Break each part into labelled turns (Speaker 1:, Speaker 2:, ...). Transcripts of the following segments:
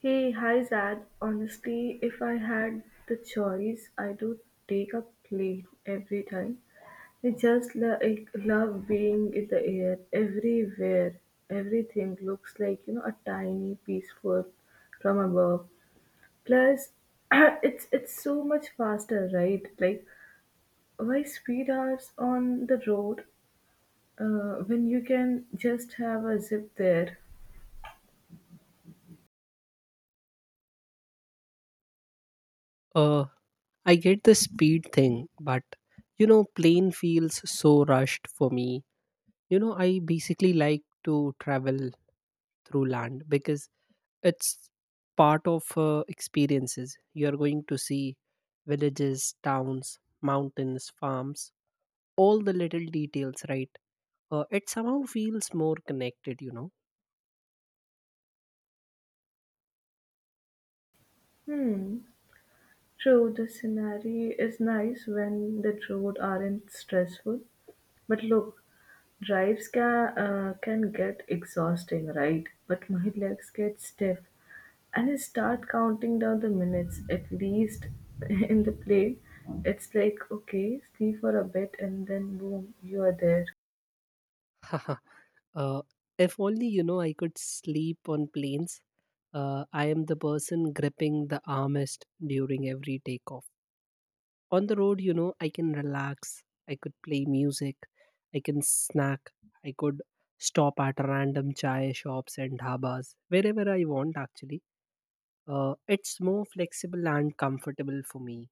Speaker 1: Hey, hi Zad. Honestly, if I had the choice, I do take a plane every time. I just I love being in the air everywhere. Everything looks like a tiny peaceful from above. Plus, it's so much faster, right? Like why speed hours on the road when you can just have a zip there?
Speaker 2: Uh, I get the speed thing, but you know, plane feels so rushed for me. You know, I basically like to travel through land because it's part of experiences. You're going to see villages, towns, mountains, farms, all the little details, right? It somehow feels more connected, you know.
Speaker 1: Hmm. True, the scenery is nice when the roads aren't stressful, but look, drives can get exhausting, right? But my legs get stiff, and I start counting down the minutes. At least in the plane, it's like okay, sleep for a bit, and then boom, you are there.
Speaker 2: uh, if only you know I could sleep on planes I am the person gripping the armrest during every takeoff. On the road, you know, I can relax. I could play music. I can snack. I could stop at random chai shops and dhabas wherever I want. Actually, it's more flexible and comfortable for me.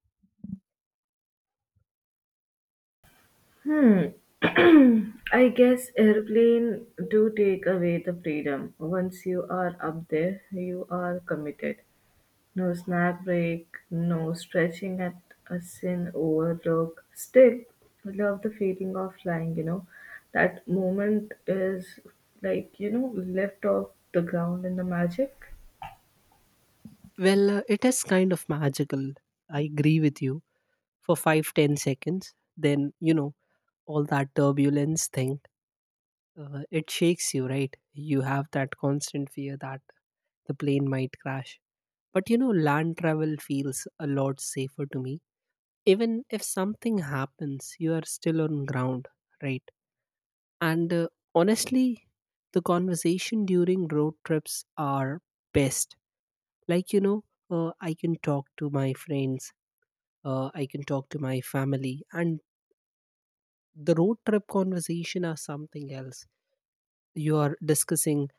Speaker 1: Hmm. I guess airplane do take away the freedom. Once you are up there, you are committed. No snack break, no stretching at a sin overlook. Still, I love the feeling of flying. That moment is lift off the ground and the magic.
Speaker 2: Well, it is kind of magical. I agree with you for 5-10 seconds. Then you know all that turbulence thing it shakes you, right? You have that constant fear that the plane might crash, but you know land travel feels a lot safer to me. Even if something happens, you are still on ground, right? And honestly, the conversation during road trips are best, like you know, I can talk to my friends, I can talk to my family, and the road trip conversation are something else. You are discussing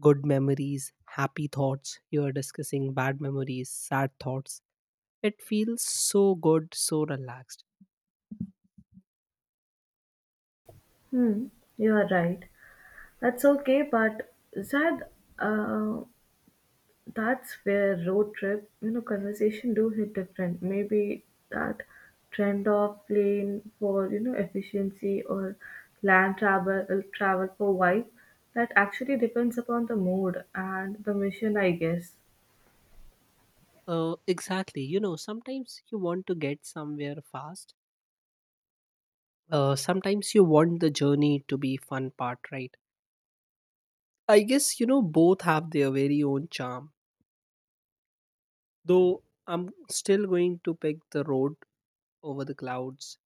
Speaker 2: good memories, happy thoughts. You are discussing bad memories, sad thoughts. It feels so good, so relaxed.
Speaker 1: Hmm, you are right. That's okay, but Zad, uh, That's where road trip, conversation do hit different. Maybe that trend of plane for, efficiency or land travel for vibe, that actually depends upon the mood and the mission, I guess.
Speaker 2: Exactly. You know, sometimes you want to get somewhere fast. Sometimes you want the journey to be fun part, right? I guess you know both have their very own charm. Though I'm still going to pick the road over the clouds.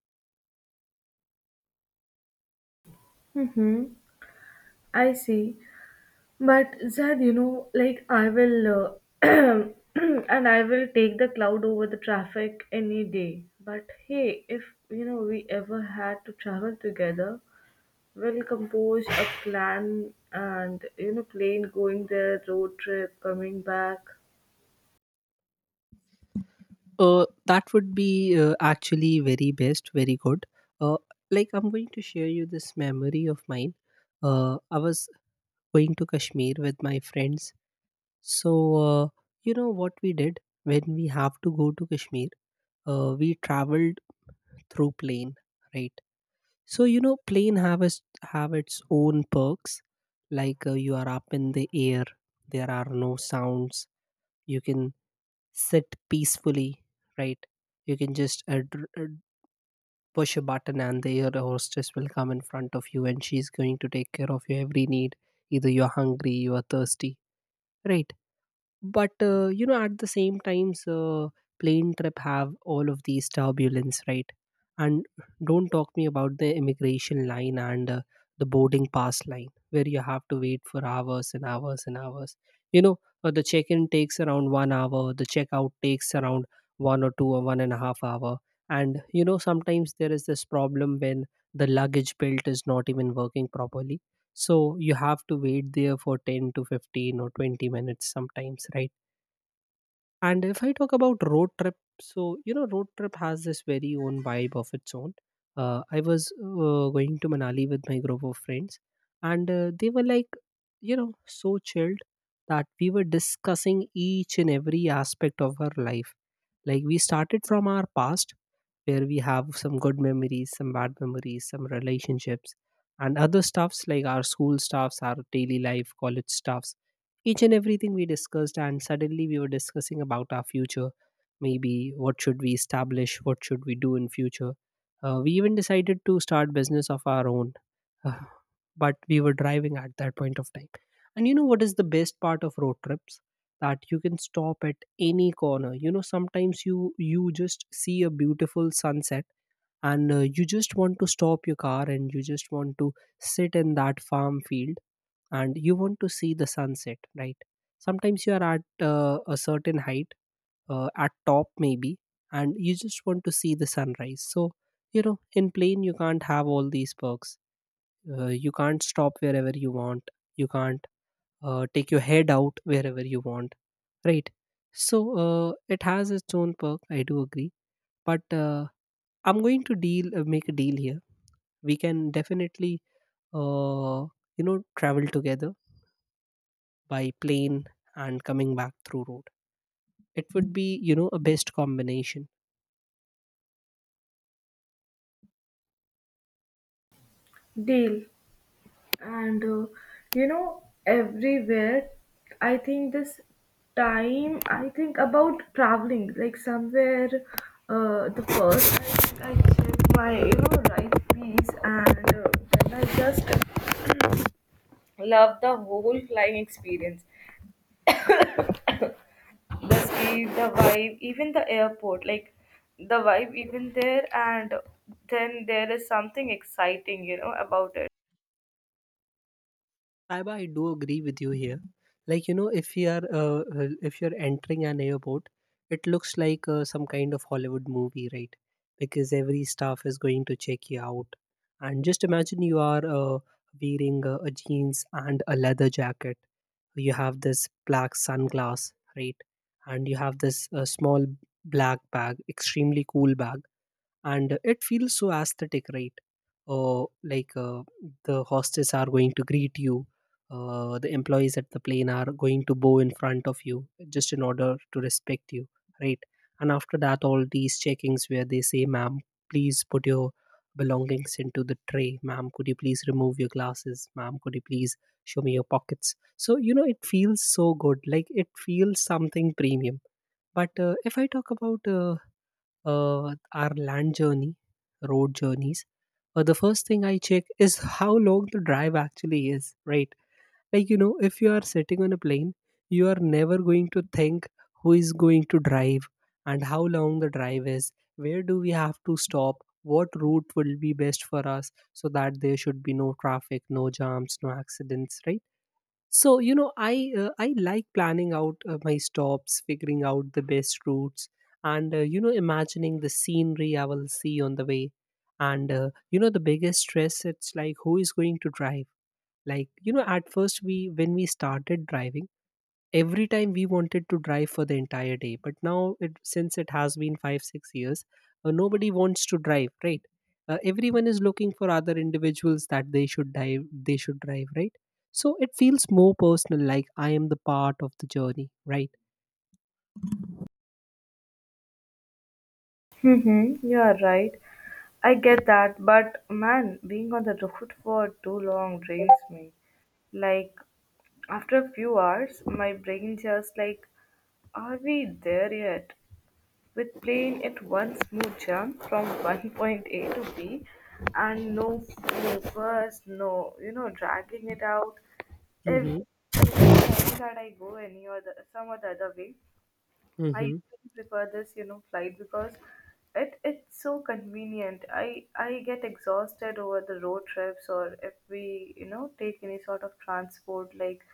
Speaker 1: Mm-hmm. I see. But Zed, like I will, and I will take the cloud over the traffic any day. But hey, if we ever had to travel together, well composed, a plan, and plane going there, road trip, coming back.
Speaker 2: That would be actually very best, very good. Uh, like, I'm going to share you this memory of mine. I was going to Kashmir with my friends. So you know what we did when we have to go to Kashmir? We traveled through plane, right? So you know, plane have its own perks. Like you are up in the air, there are no sounds. You can sit peacefully, right? You can just push a button and the air hostess will come in front of you, and she's going to take care of your every need, either you're hungry, you're thirsty, right? But you know, at the same times plane trip have all of these turbulence, right? And don't talk me about the immigration line and the boarding pass line, where you have to wait for hours and hours and hours, you know. The check-in takes around 1 hour, the check-out takes around one or two or one and a half hour. And you know, sometimes there is this problem when the luggage belt is not even working properly, so you have to wait there for 10 to 15 or 20 minutes sometimes, right? And if I talk about road trip, so you know, road trip has this very own vibe of its own. I was going to Manali with my group of friends, and they were like, you know, so chilled that we were discussing each and every aspect of our life. Like, we started from our past, where we have some good memories, some bad memories, some relationships, and other stuffs like our school stuffs, our daily life, college stuffs. Each and everything we discussed, and suddenly we were discussing about our future. Maybe what should we establish? What should we do in future? We even decided to start business of our own, uh, but we were driving at that point of time. And you know what is the best part of road trips? That you can stop at any corner, you know, sometimes you just see a beautiful sunset, and you just want to stop your car and you just want to sit in that farm field and you want to see the sunset, right? Sometimes you are at a certain height, at top maybe, and you just want to see the sunrise. So you know, in plane you can't have all these perks. You can't stop wherever you want, you can't take your head out wherever you want, right? So it has its own perk, I do agree. But I'm going to deal make a deal here. We can definitely uh, you know, travel together by plane and coming back through road. It would be, you know, a best combination.
Speaker 1: Deal. And everywhere, I think this time, I think about traveling, like somewhere, the first, I think I check my, right piece, and then I just love the whole flying experience. The speed, the vibe, even the airport. Like the vibe even there, and then there is something exciting about it.
Speaker 2: Saiba, I do agree with you here. Like you know, if you are if you're entering an airport, it looks like some kind of Hollywood movie, right? Because every staff is going to check you out, and just imagine you are wearing a jeans and a leather jacket. You have this black sunglass, right? And you have this small black bag, extremely cool bag, and it feels so aesthetic, right? uh, like uh, the hostess are going to greet you, the employees at the plane are going to bow in front of you just in order to respect you, right? And after that, all these checkings where they say, ma'am please put your belongings into the tray, ma'am could you please remove your glasses, ma'am could you please show me your pockets. So you know it feels so good, like it feels something premium. But if I talk about our land journey, road journeys, the first thing I check is how long the drive actually is, right? Like, you know, if you are sitting on a plane, you are never going to think who is going to drive and how long the drive is, where do we have to stop, what route will be best for us so that there should be no traffic, no jams, no accidents, right? So you know, I like planning out my stops, figuring out the best routes, and you know, imagining the scenery I will see on the way. And you know, the biggest stress it's like who is going to drive. Like you know, at first we when we started driving, every time we wanted to drive for the entire day, but now it since it has been 5 6 years, nobody wants to drive, right? Everyone is looking for other individuals that they should drive, right? So it feels more personal, like I am the part of the journey, right?
Speaker 1: Mm-hmm, you are right. I get that, but man, being on the road for too long drains me. Like, after a few hours, my brain just like, are we there yet? With playing at one smooth jump from one point A to B and no movers, no, dragging it out. If,
Speaker 2: Mm-hmm.
Speaker 1: if I know that I go any other, some other way, I
Speaker 2: Mm-hmm.
Speaker 1: usually prefer this, flight because it's so convenient. I get exhausted over the road trips or if we, take any sort of transport like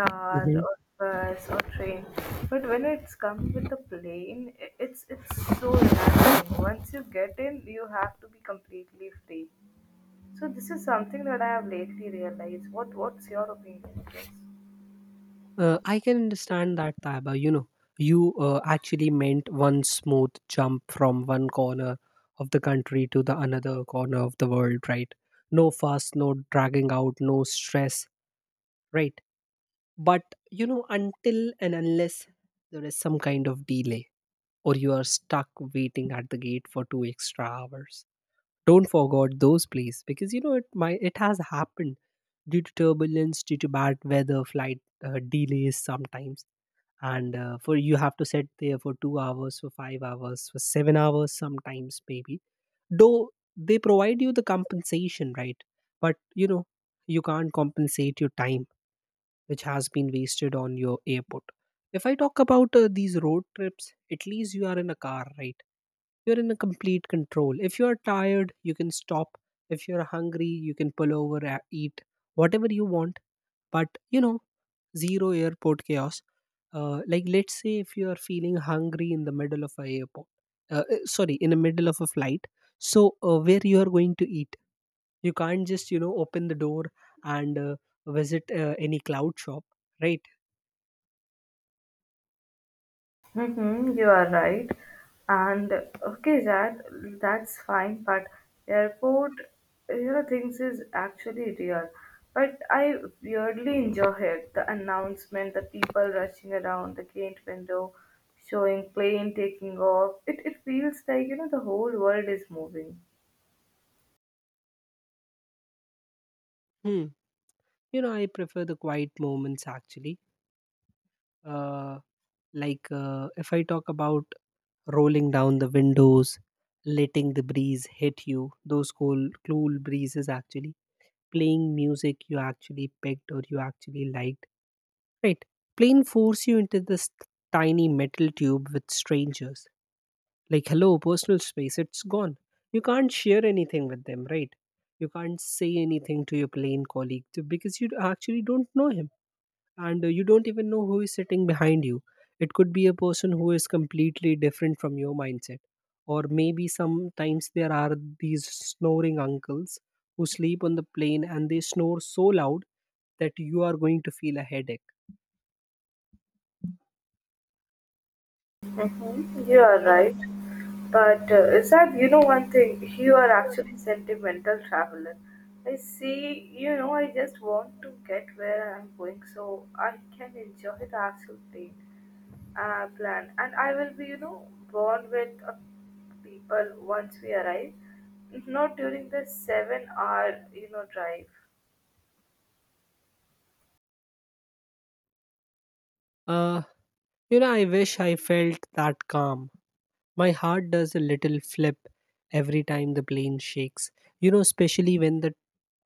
Speaker 1: car or bus or train. But when it's comes with the plane, I it's so relaxing. Once you get in, you have to be completely free. So this is something that I have lately realized. What's your opinion on this?
Speaker 2: I can understand that, Taiba. You know, you actually meant one smooth jump from one corner of the country to the another corner of the world, right? No fuss, no dragging out, no stress, right? But, you know, until and unless there is some kind of delay or you are stuck waiting at the gate for 2 extra hours, don't forget those, please, because, you know, it has happened due to turbulence, due to bad weather, flight delays sometimes. And for you have to sit there for 2 hours, for 5 hours, for 7 hours sometimes maybe. Though they provide you the compensation, right? But you know, you can't compensate your time which has been wasted on your airport. If I talk about these road trips, at least you are in a car, right? You're in a complete control. If you're tired, you can stop. If you're hungry, you can pull over, eat whatever you want. But, you know, zero airport chaos. Like, let's say if you are feeling hungry in the middle of a airport, sorry, in the middle of a flight. So, where you are going to eat? You can't just, you know, open the door and visit any cloud shop, right?
Speaker 1: Mm-hmm, you are right. And okay, that's fine. But airport, things is actually real. But I weirdly enjoy it. The announcement, the people rushing around the gate window, showing plane taking off. It feels like the whole world is moving.
Speaker 2: Hmm. You know, I prefer the quiet moments actually. Uh, if I talk about rolling down the windows, letting the breeze hit you, those cool, cool breezes actually, playing music you actually picked or you actually liked, right? Plane force you into this tiny metal tube with strangers, like hello, personal space it's gone. You can't share anything with them, right? You can't say anything to your plane colleague because you actually don't know him, and you don't even know who is sitting behind you. It could be a person who is completely different from your mindset, or maybe sometimes there are these snoring uncles who sleep on the plane and they snore so loud that you are going to feel a headache.
Speaker 1: Mm-hmm. You are right. But Isaac, you know one thing, you are actually sentimental traveler. I see, I just want to get where I'm going so I can enjoy the actual thing. Plan. And I will be, born with people once we arrive, not during the seven hour drive.
Speaker 2: uh you know, I wish I felt that calm. My heart does a little flip every time the plane shakes, you know, especially when the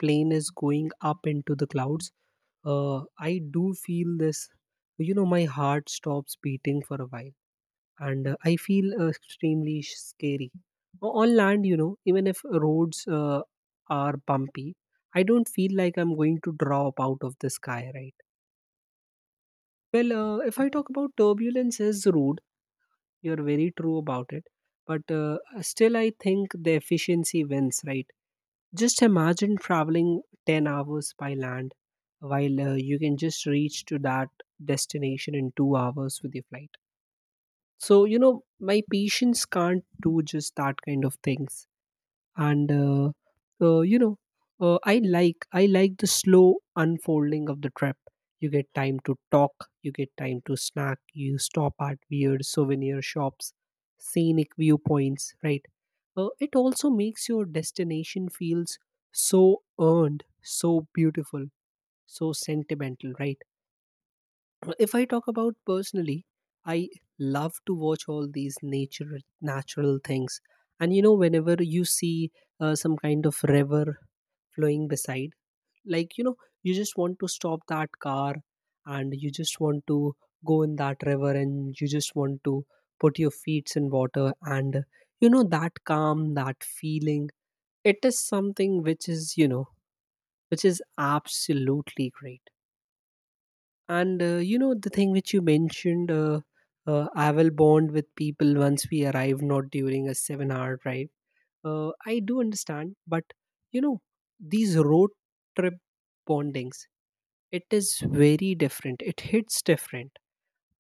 Speaker 2: plane is going up into the clouds. I do feel this, you know, my heart stops beating for a while, and I feel extremely scary. On land, you know, even if roads are bumpy, I don't feel like I'm going to drop out of the sky, right? Well, if I talk about turbulences, you're very true about it. But still, I think the efficiency wins, right? Just imagine traveling 10 hours by land while you can just reach to that destination in 2 hours with your flight. So, you know, my patience can't do just that kind of things and you know I like the slow unfolding of the trip. You get time to talk, you get time to snack, you stop at weird souvenir shops, scenic viewpoints, right? It also makes your destination feels so earned, so beautiful, so sentimental, right? If I talk about personally, I love to watch all these nature, natural things. And you know, whenever you see some kind of river flowing beside, like, you know, you just want to stop that car, and you just want to go in that river, and you just want to put your feet in water. And you know, that calm, that feeling, it is something which is, you know, which is absolutely great. And you know, the thing which you mentioned, I will bond with people once we arrive, not during a seven-hour drive. I do understand, but you know, these road trip bondings, it is very different. It hits different.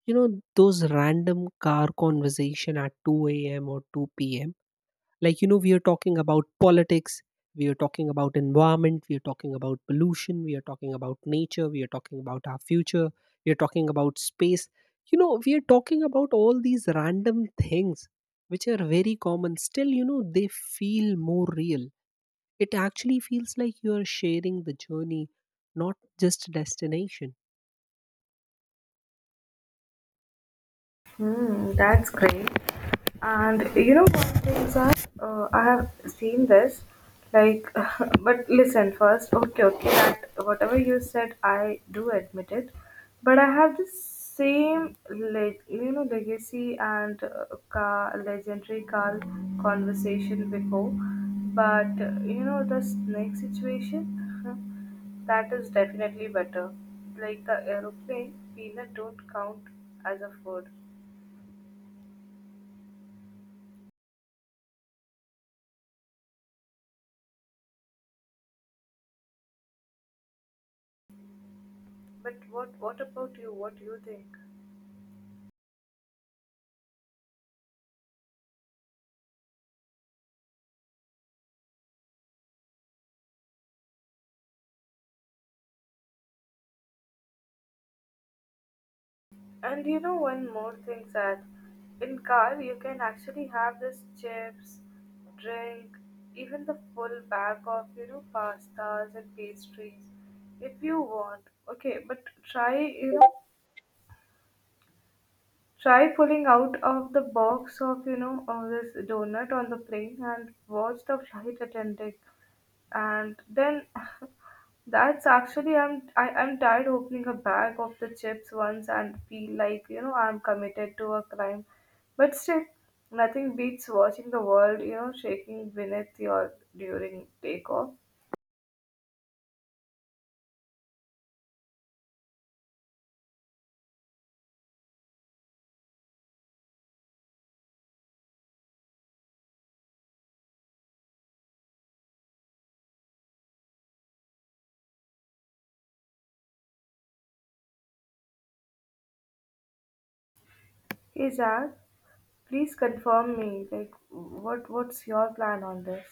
Speaker 2: You know those random car conversation at two a.m. or 2 p.m, like, you know, we are talking about politics, we are talking about environment, we are talking about pollution, we are talking about nature, we are talking about our future, we are talking about space. You know, we are talking about all these random things which are very common, still, you know, they feel more real. It actually feels like you are sharing the journey, not just destination.
Speaker 1: Hmm, that's great. And you know what things are? I have seen this, like, but listen first. Okay, okay, that whatever you said, I do admit it. But I have the same, legacy and legendary Carl conversation before. But this next situation, that is definitely better. Like the aeroplane, peanut don't count as a food. But what about you? What do you think? And you know one more thing that in car you can actually have this chips, drink, even the full bag of pastas and pastries if you want. Okay, but try you know Try pulling out of the box of, this donut on the plane and watch the flight attendant. And then that's actually I'm tired opening a bag of the chips once and feel like, I'm committed to a crime. But still, nothing beats watching the world, shaking beneath your during takeoff. Hey Zach, please confirm me, like what's your plan on this?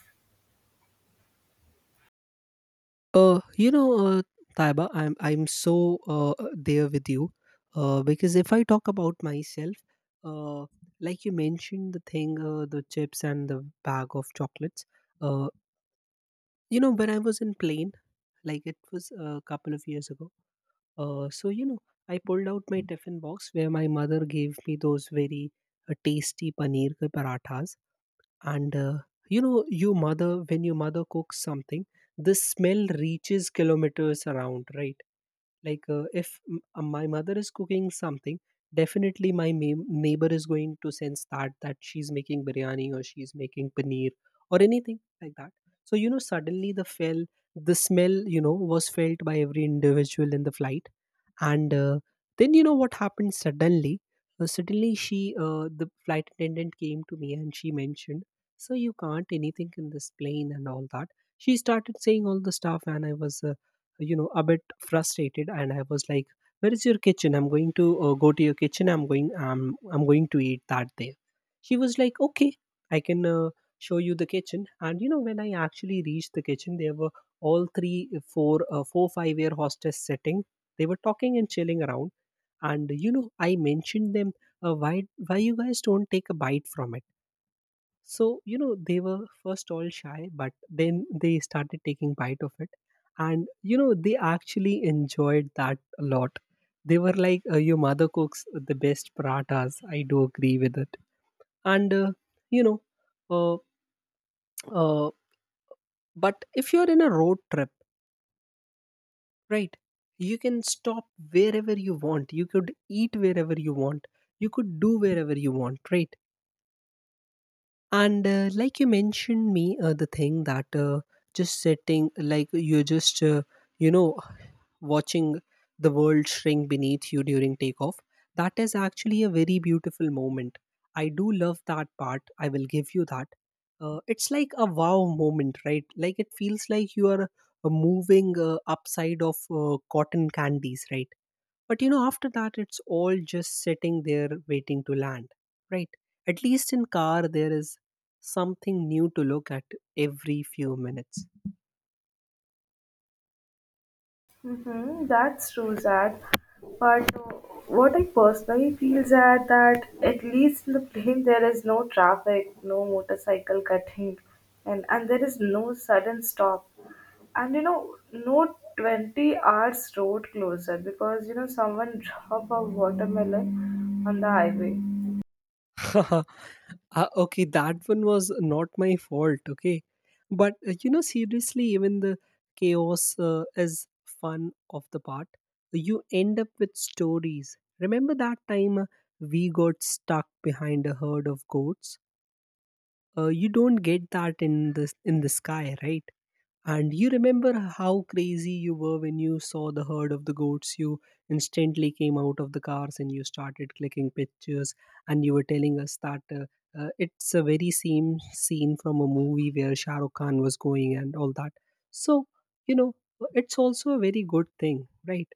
Speaker 2: You know, Taiba, I'm so there with you, because if I talk about myself, uh, like you mentioned the thing, the chips and the bag of chocolates. Uh, you know, when I was in plane, like it was a couple of years ago. So you know, I pulled out my tiffin box where my mother gave me those very tasty paneer ke parathas, and you know, your mother, when your mother cooks something, the smell reaches kilometers around, right? Like if my mother is cooking something, definitely my neighbor is going to sense that that she's making biryani, or she's making paneer, or anything like that. So you know, suddenly the fell the smell, you know, was felt by every individual in the flight. And then you know what happened suddenly. Suddenly she The flight attendant came to me and she mentioned, so you can't anything in this plane and all that. She started saying all the stuff, and I was you know, a bit frustrated, and I was like, where is your kitchen? I'm going to go to your kitchen, I'm going to eat that there. She was like, okay, I can show you the kitchen. And you know, when I actually reached the kitchen, there were all 3, 4 4, 5 year hostess sitting. They were talking and chilling around. And you know, I mentioned them, uh, why why you guys don't take a bite from it? So, you know, they were first all shy, but then they started taking bite of it. And, you know, they actually enjoyed that a lot. They were like, your mother cooks the best parathas. I do agree with it. And, you know, uh, uh, but if you're in a road trip, right, you can stop wherever you want. You could eat wherever you want. You could do wherever you want, right? And like you mentioned me, the thing that just sitting, like you're just, you know, watching the world shrink beneath you during takeoff, that is actually a very beautiful moment. I do love that part. I will give you that. It's like a wow moment, right? Like it feels like you are moving upside of cotton candies, right? But you know, after that, it's all just sitting there waiting to land, right? At least in car, there is something new to look at every few minutes.
Speaker 1: Mm-hmm, that's true, Zad. But what I personally feel, Zad, that at least in the plane there is no traffic, no motorcycle cutting, and there is no sudden stop. And no 20 hours road closer because someone drop a watermelon on the highway.
Speaker 2: Okay, that one was not my fault, okay? But you know, seriously, even the chaos is fun of the part. You end up with stories. Remember that time we got stuck behind a herd of goats? You don't get that in the sky, right? And you remember how crazy you were when you saw the herd of the goats? You instantly came out of the cars and you started clicking pictures, and you were telling us that it's a very same scene from a movie where Shah Rukh Khan was going and all that. So, you know, it's also a very good thing, right?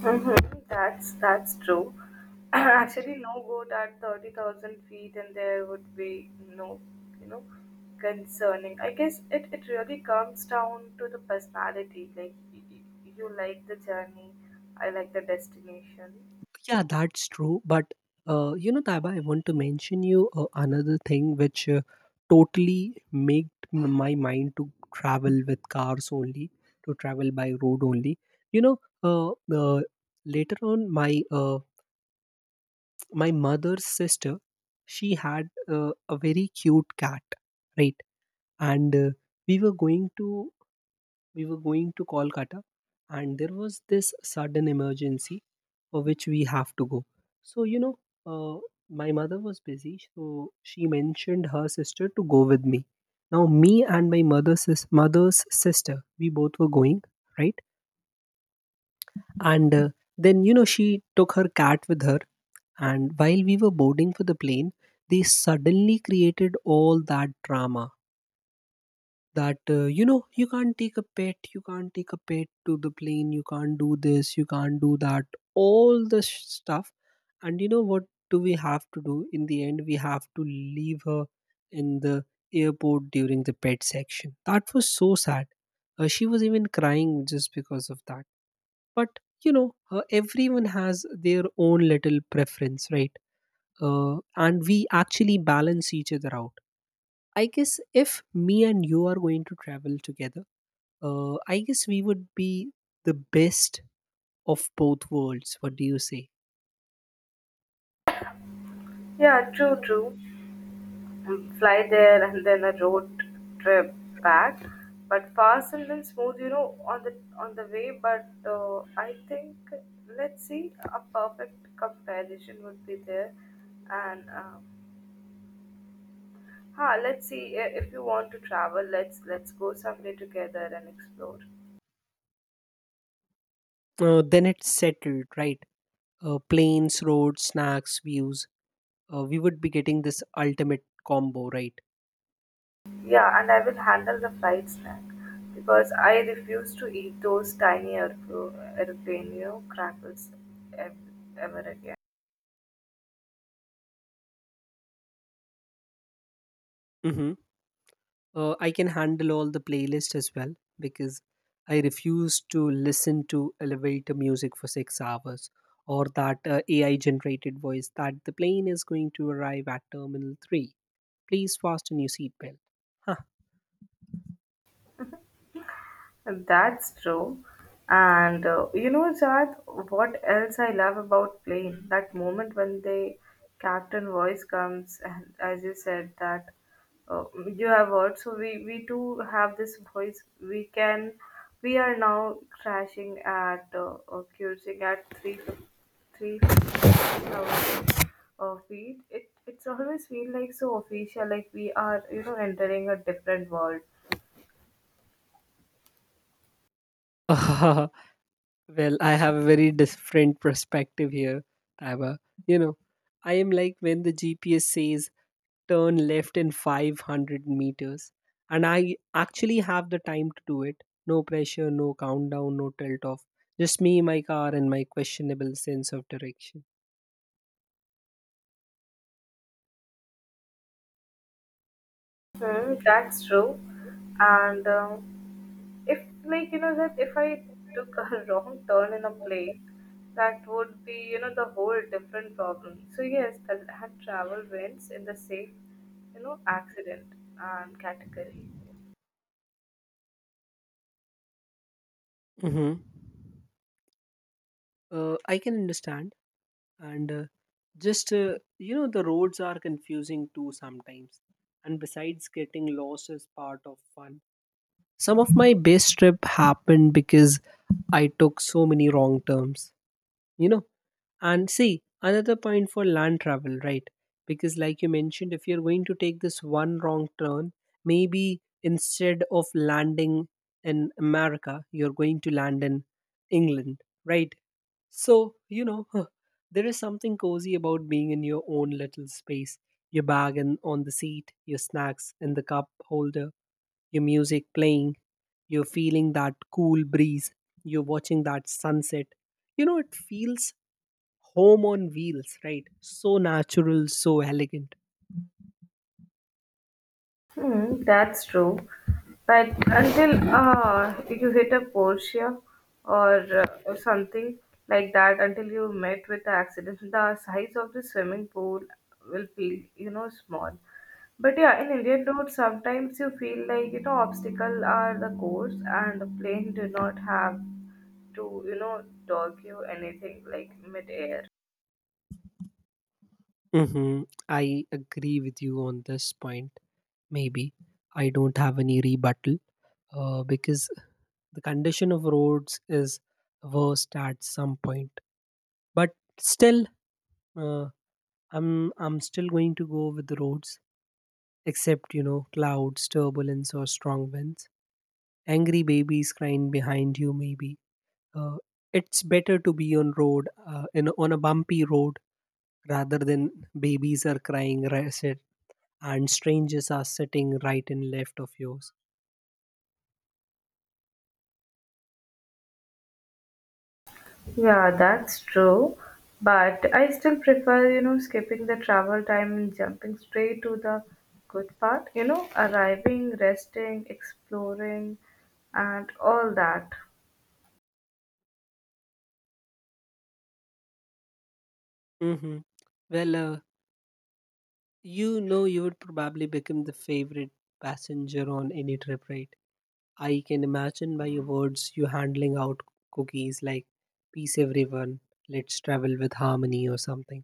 Speaker 1: Mm-hmm. That's true. Actually, no goat at 30,000 feet, and there would be no, you know, concerning. I guess it really comes down to the personality. Like you like the journey, I like the destination.
Speaker 2: Yeah, that's true. But you know, Taiba, I want to mention you another thing which totally made my mind to travel with cars only, to travel by road only. You know, later on, my mother's sister, she had a very cute cat, right? And we were going to we were going to Kolkata, and there was this sudden emergency for which we have to go. So, you know, uh, my mother was busy, so she mentioned her sister to go with me. Now, me and my mother's sister, we both were going, right? And then, you know, she took her cat with her. And while we were boarding for the plane, they suddenly created all that drama, that you know, you can't take a pet, you can't take a pet to the plane, you can't do this, you can't do that, all the stuff. And you know what do we have to do in the end? We have to leave her in the airport during the pet section. That was so sad. Uh, she was even crying just because of that. But you know, everyone has their own little preference, right? Uh, and we actually balance each other out. I guess if me and you are going to travel together, I guess we would be the best of both worlds. What do you say?
Speaker 1: Yeah, true, true. And fly there and then a road trip back, but fast and then smooth, on the way. But I think let's see, a perfect comparison would be there. And huh, let's see, if you want to travel, let's go someday together and explore.
Speaker 2: Then it's settled, right? Planes, roads, snacks, views. We would be getting this ultimate combo, right?
Speaker 1: Yeah, and I will handle the flight snack because I refuse to eat those tiny airplane crackers ever again.
Speaker 2: Mm-hmm. I can handle all the playlist as well, because I refuse to listen to elevator music for 6 hours, or that AI generated voice that the plane is going to arrive at Terminal 3. Please fasten your seatbelt.
Speaker 1: That's true. And Jad, what else I love about playing that moment when the captain voice comes, and as you said, that uh, you have heard, so we too have this voice. We are now crashing at or cruising at 33,000 feet feet. It's always feel like so official, like we are entering a different world.
Speaker 2: Huh. Well, I have a very different perspective here, Taiba. You know, I am like when the GPS says turn left in 500 meters, and I actually have the time to do it. No pressure, no countdown, no tilt off. Just me, my car, and my questionable sense of direction.
Speaker 1: Hmm, that's true. And if, like, that if I took a wrong turn in a plane, that would be, the whole different problem. So, yes, that had travel wins in the safe, accident and category.
Speaker 2: Mm-hmm. I can understand, and just you know, the roads are confusing too sometimes. And besides, getting lost is part of fun. Some of my best trip happened because I took so many wrong turns, you know. And see, another point for land travel, right? Because like you mentioned, if you're going to take this one wrong turn, maybe instead of landing in America, you're going to land in England, right? So, you know, there is something cozy about being in your own little space, your bag and on the seat, your snacks in the cup holder, your music playing, you're feeling that cool breeze, you're watching that sunset. You know, it feels home on wheels, right? So natural, so elegant.
Speaker 1: Hmm, that's true. But until you hit a Porsche or something like that, until you met with the accident, the size of the swimming pool will feel, small. But yeah, in Indian roads, sometimes you feel like, obstacles are the course and the plane do not have to, dog you anything like mid-air.
Speaker 2: Mm-hmm. I agree with you on this point. Maybe I don't have any rebuttal because the condition of roads is worst at some point, but still, uh, i'm I'm still going to go with the roads, except you know, clouds, turbulence, or strong winds, angry babies crying behind you, maybe. uh, it's better to be on road, on a bumpy road, rather than babies are crying, right, and strangers are sitting right and left of yours.
Speaker 1: Yeah, that's true. But I still prefer, skipping the travel time and jumping straight to the good part, arriving, resting, exploring, and all that.
Speaker 2: Hmm, well, you know, you would probably become the favorite passenger on any trip, right? I can imagine by your words you handling out cookies like, peace everyone, let's travel with harmony or something.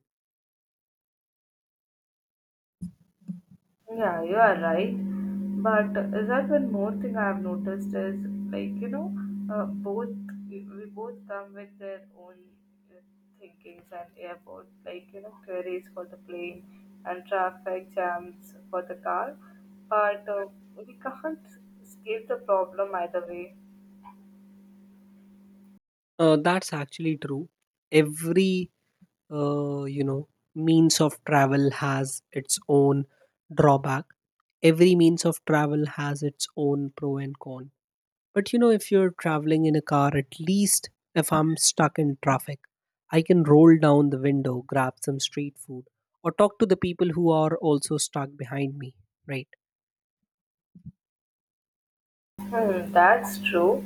Speaker 1: Yeah, you are right. But is that one more thing I've noticed is like both we both come with their own uh, thinkings and airport like queries for the plane and traffic jams for the car, but we can't escape the problem either way.
Speaker 2: That's actually true. Every, you know, means of travel has its own drawback. Every means of travel has its own pro and con. But you know, if you're traveling in a car, at least if I'm stuck in traffic, I can roll down the window, grab some street food, or talk to the people who are also stuck behind me, right?
Speaker 1: Hmm, that's true.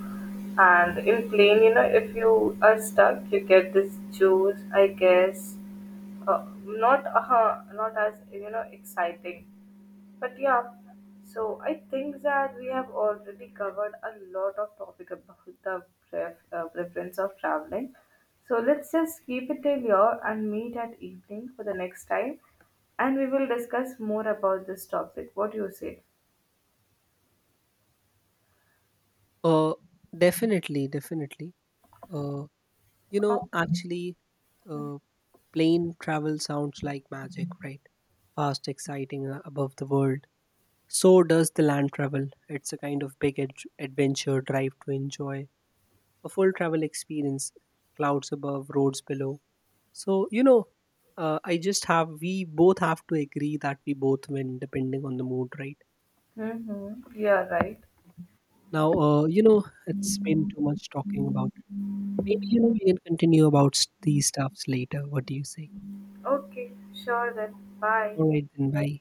Speaker 1: And in plane, if you are stuck, you get this juice, I guess, not as exciting, but yeah. So I think that we have already covered a lot of topic about the preference of traveling, so let's just keep it till here and meet at evening for the next time, and we will discuss more about this topic. What do you say?
Speaker 2: Uh, definitely, definitely. Uh, you know, actually, uh, plane travel sounds like magic, right? Fast, exciting, above the world. So does the land travel. It's a kind of big adventure drive to enjoy a full travel experience. Clouds above, roads below. So, you know, we both have to agree that we both win depending on the mood, right?
Speaker 1: Mm-hmm. Yeah, right.
Speaker 2: Now, you know, it's been too much talking about it. Maybe, you know, we can continue about these stuffs later. What do you say?
Speaker 1: Okay, sure then. Bye.
Speaker 2: All right, then, bye.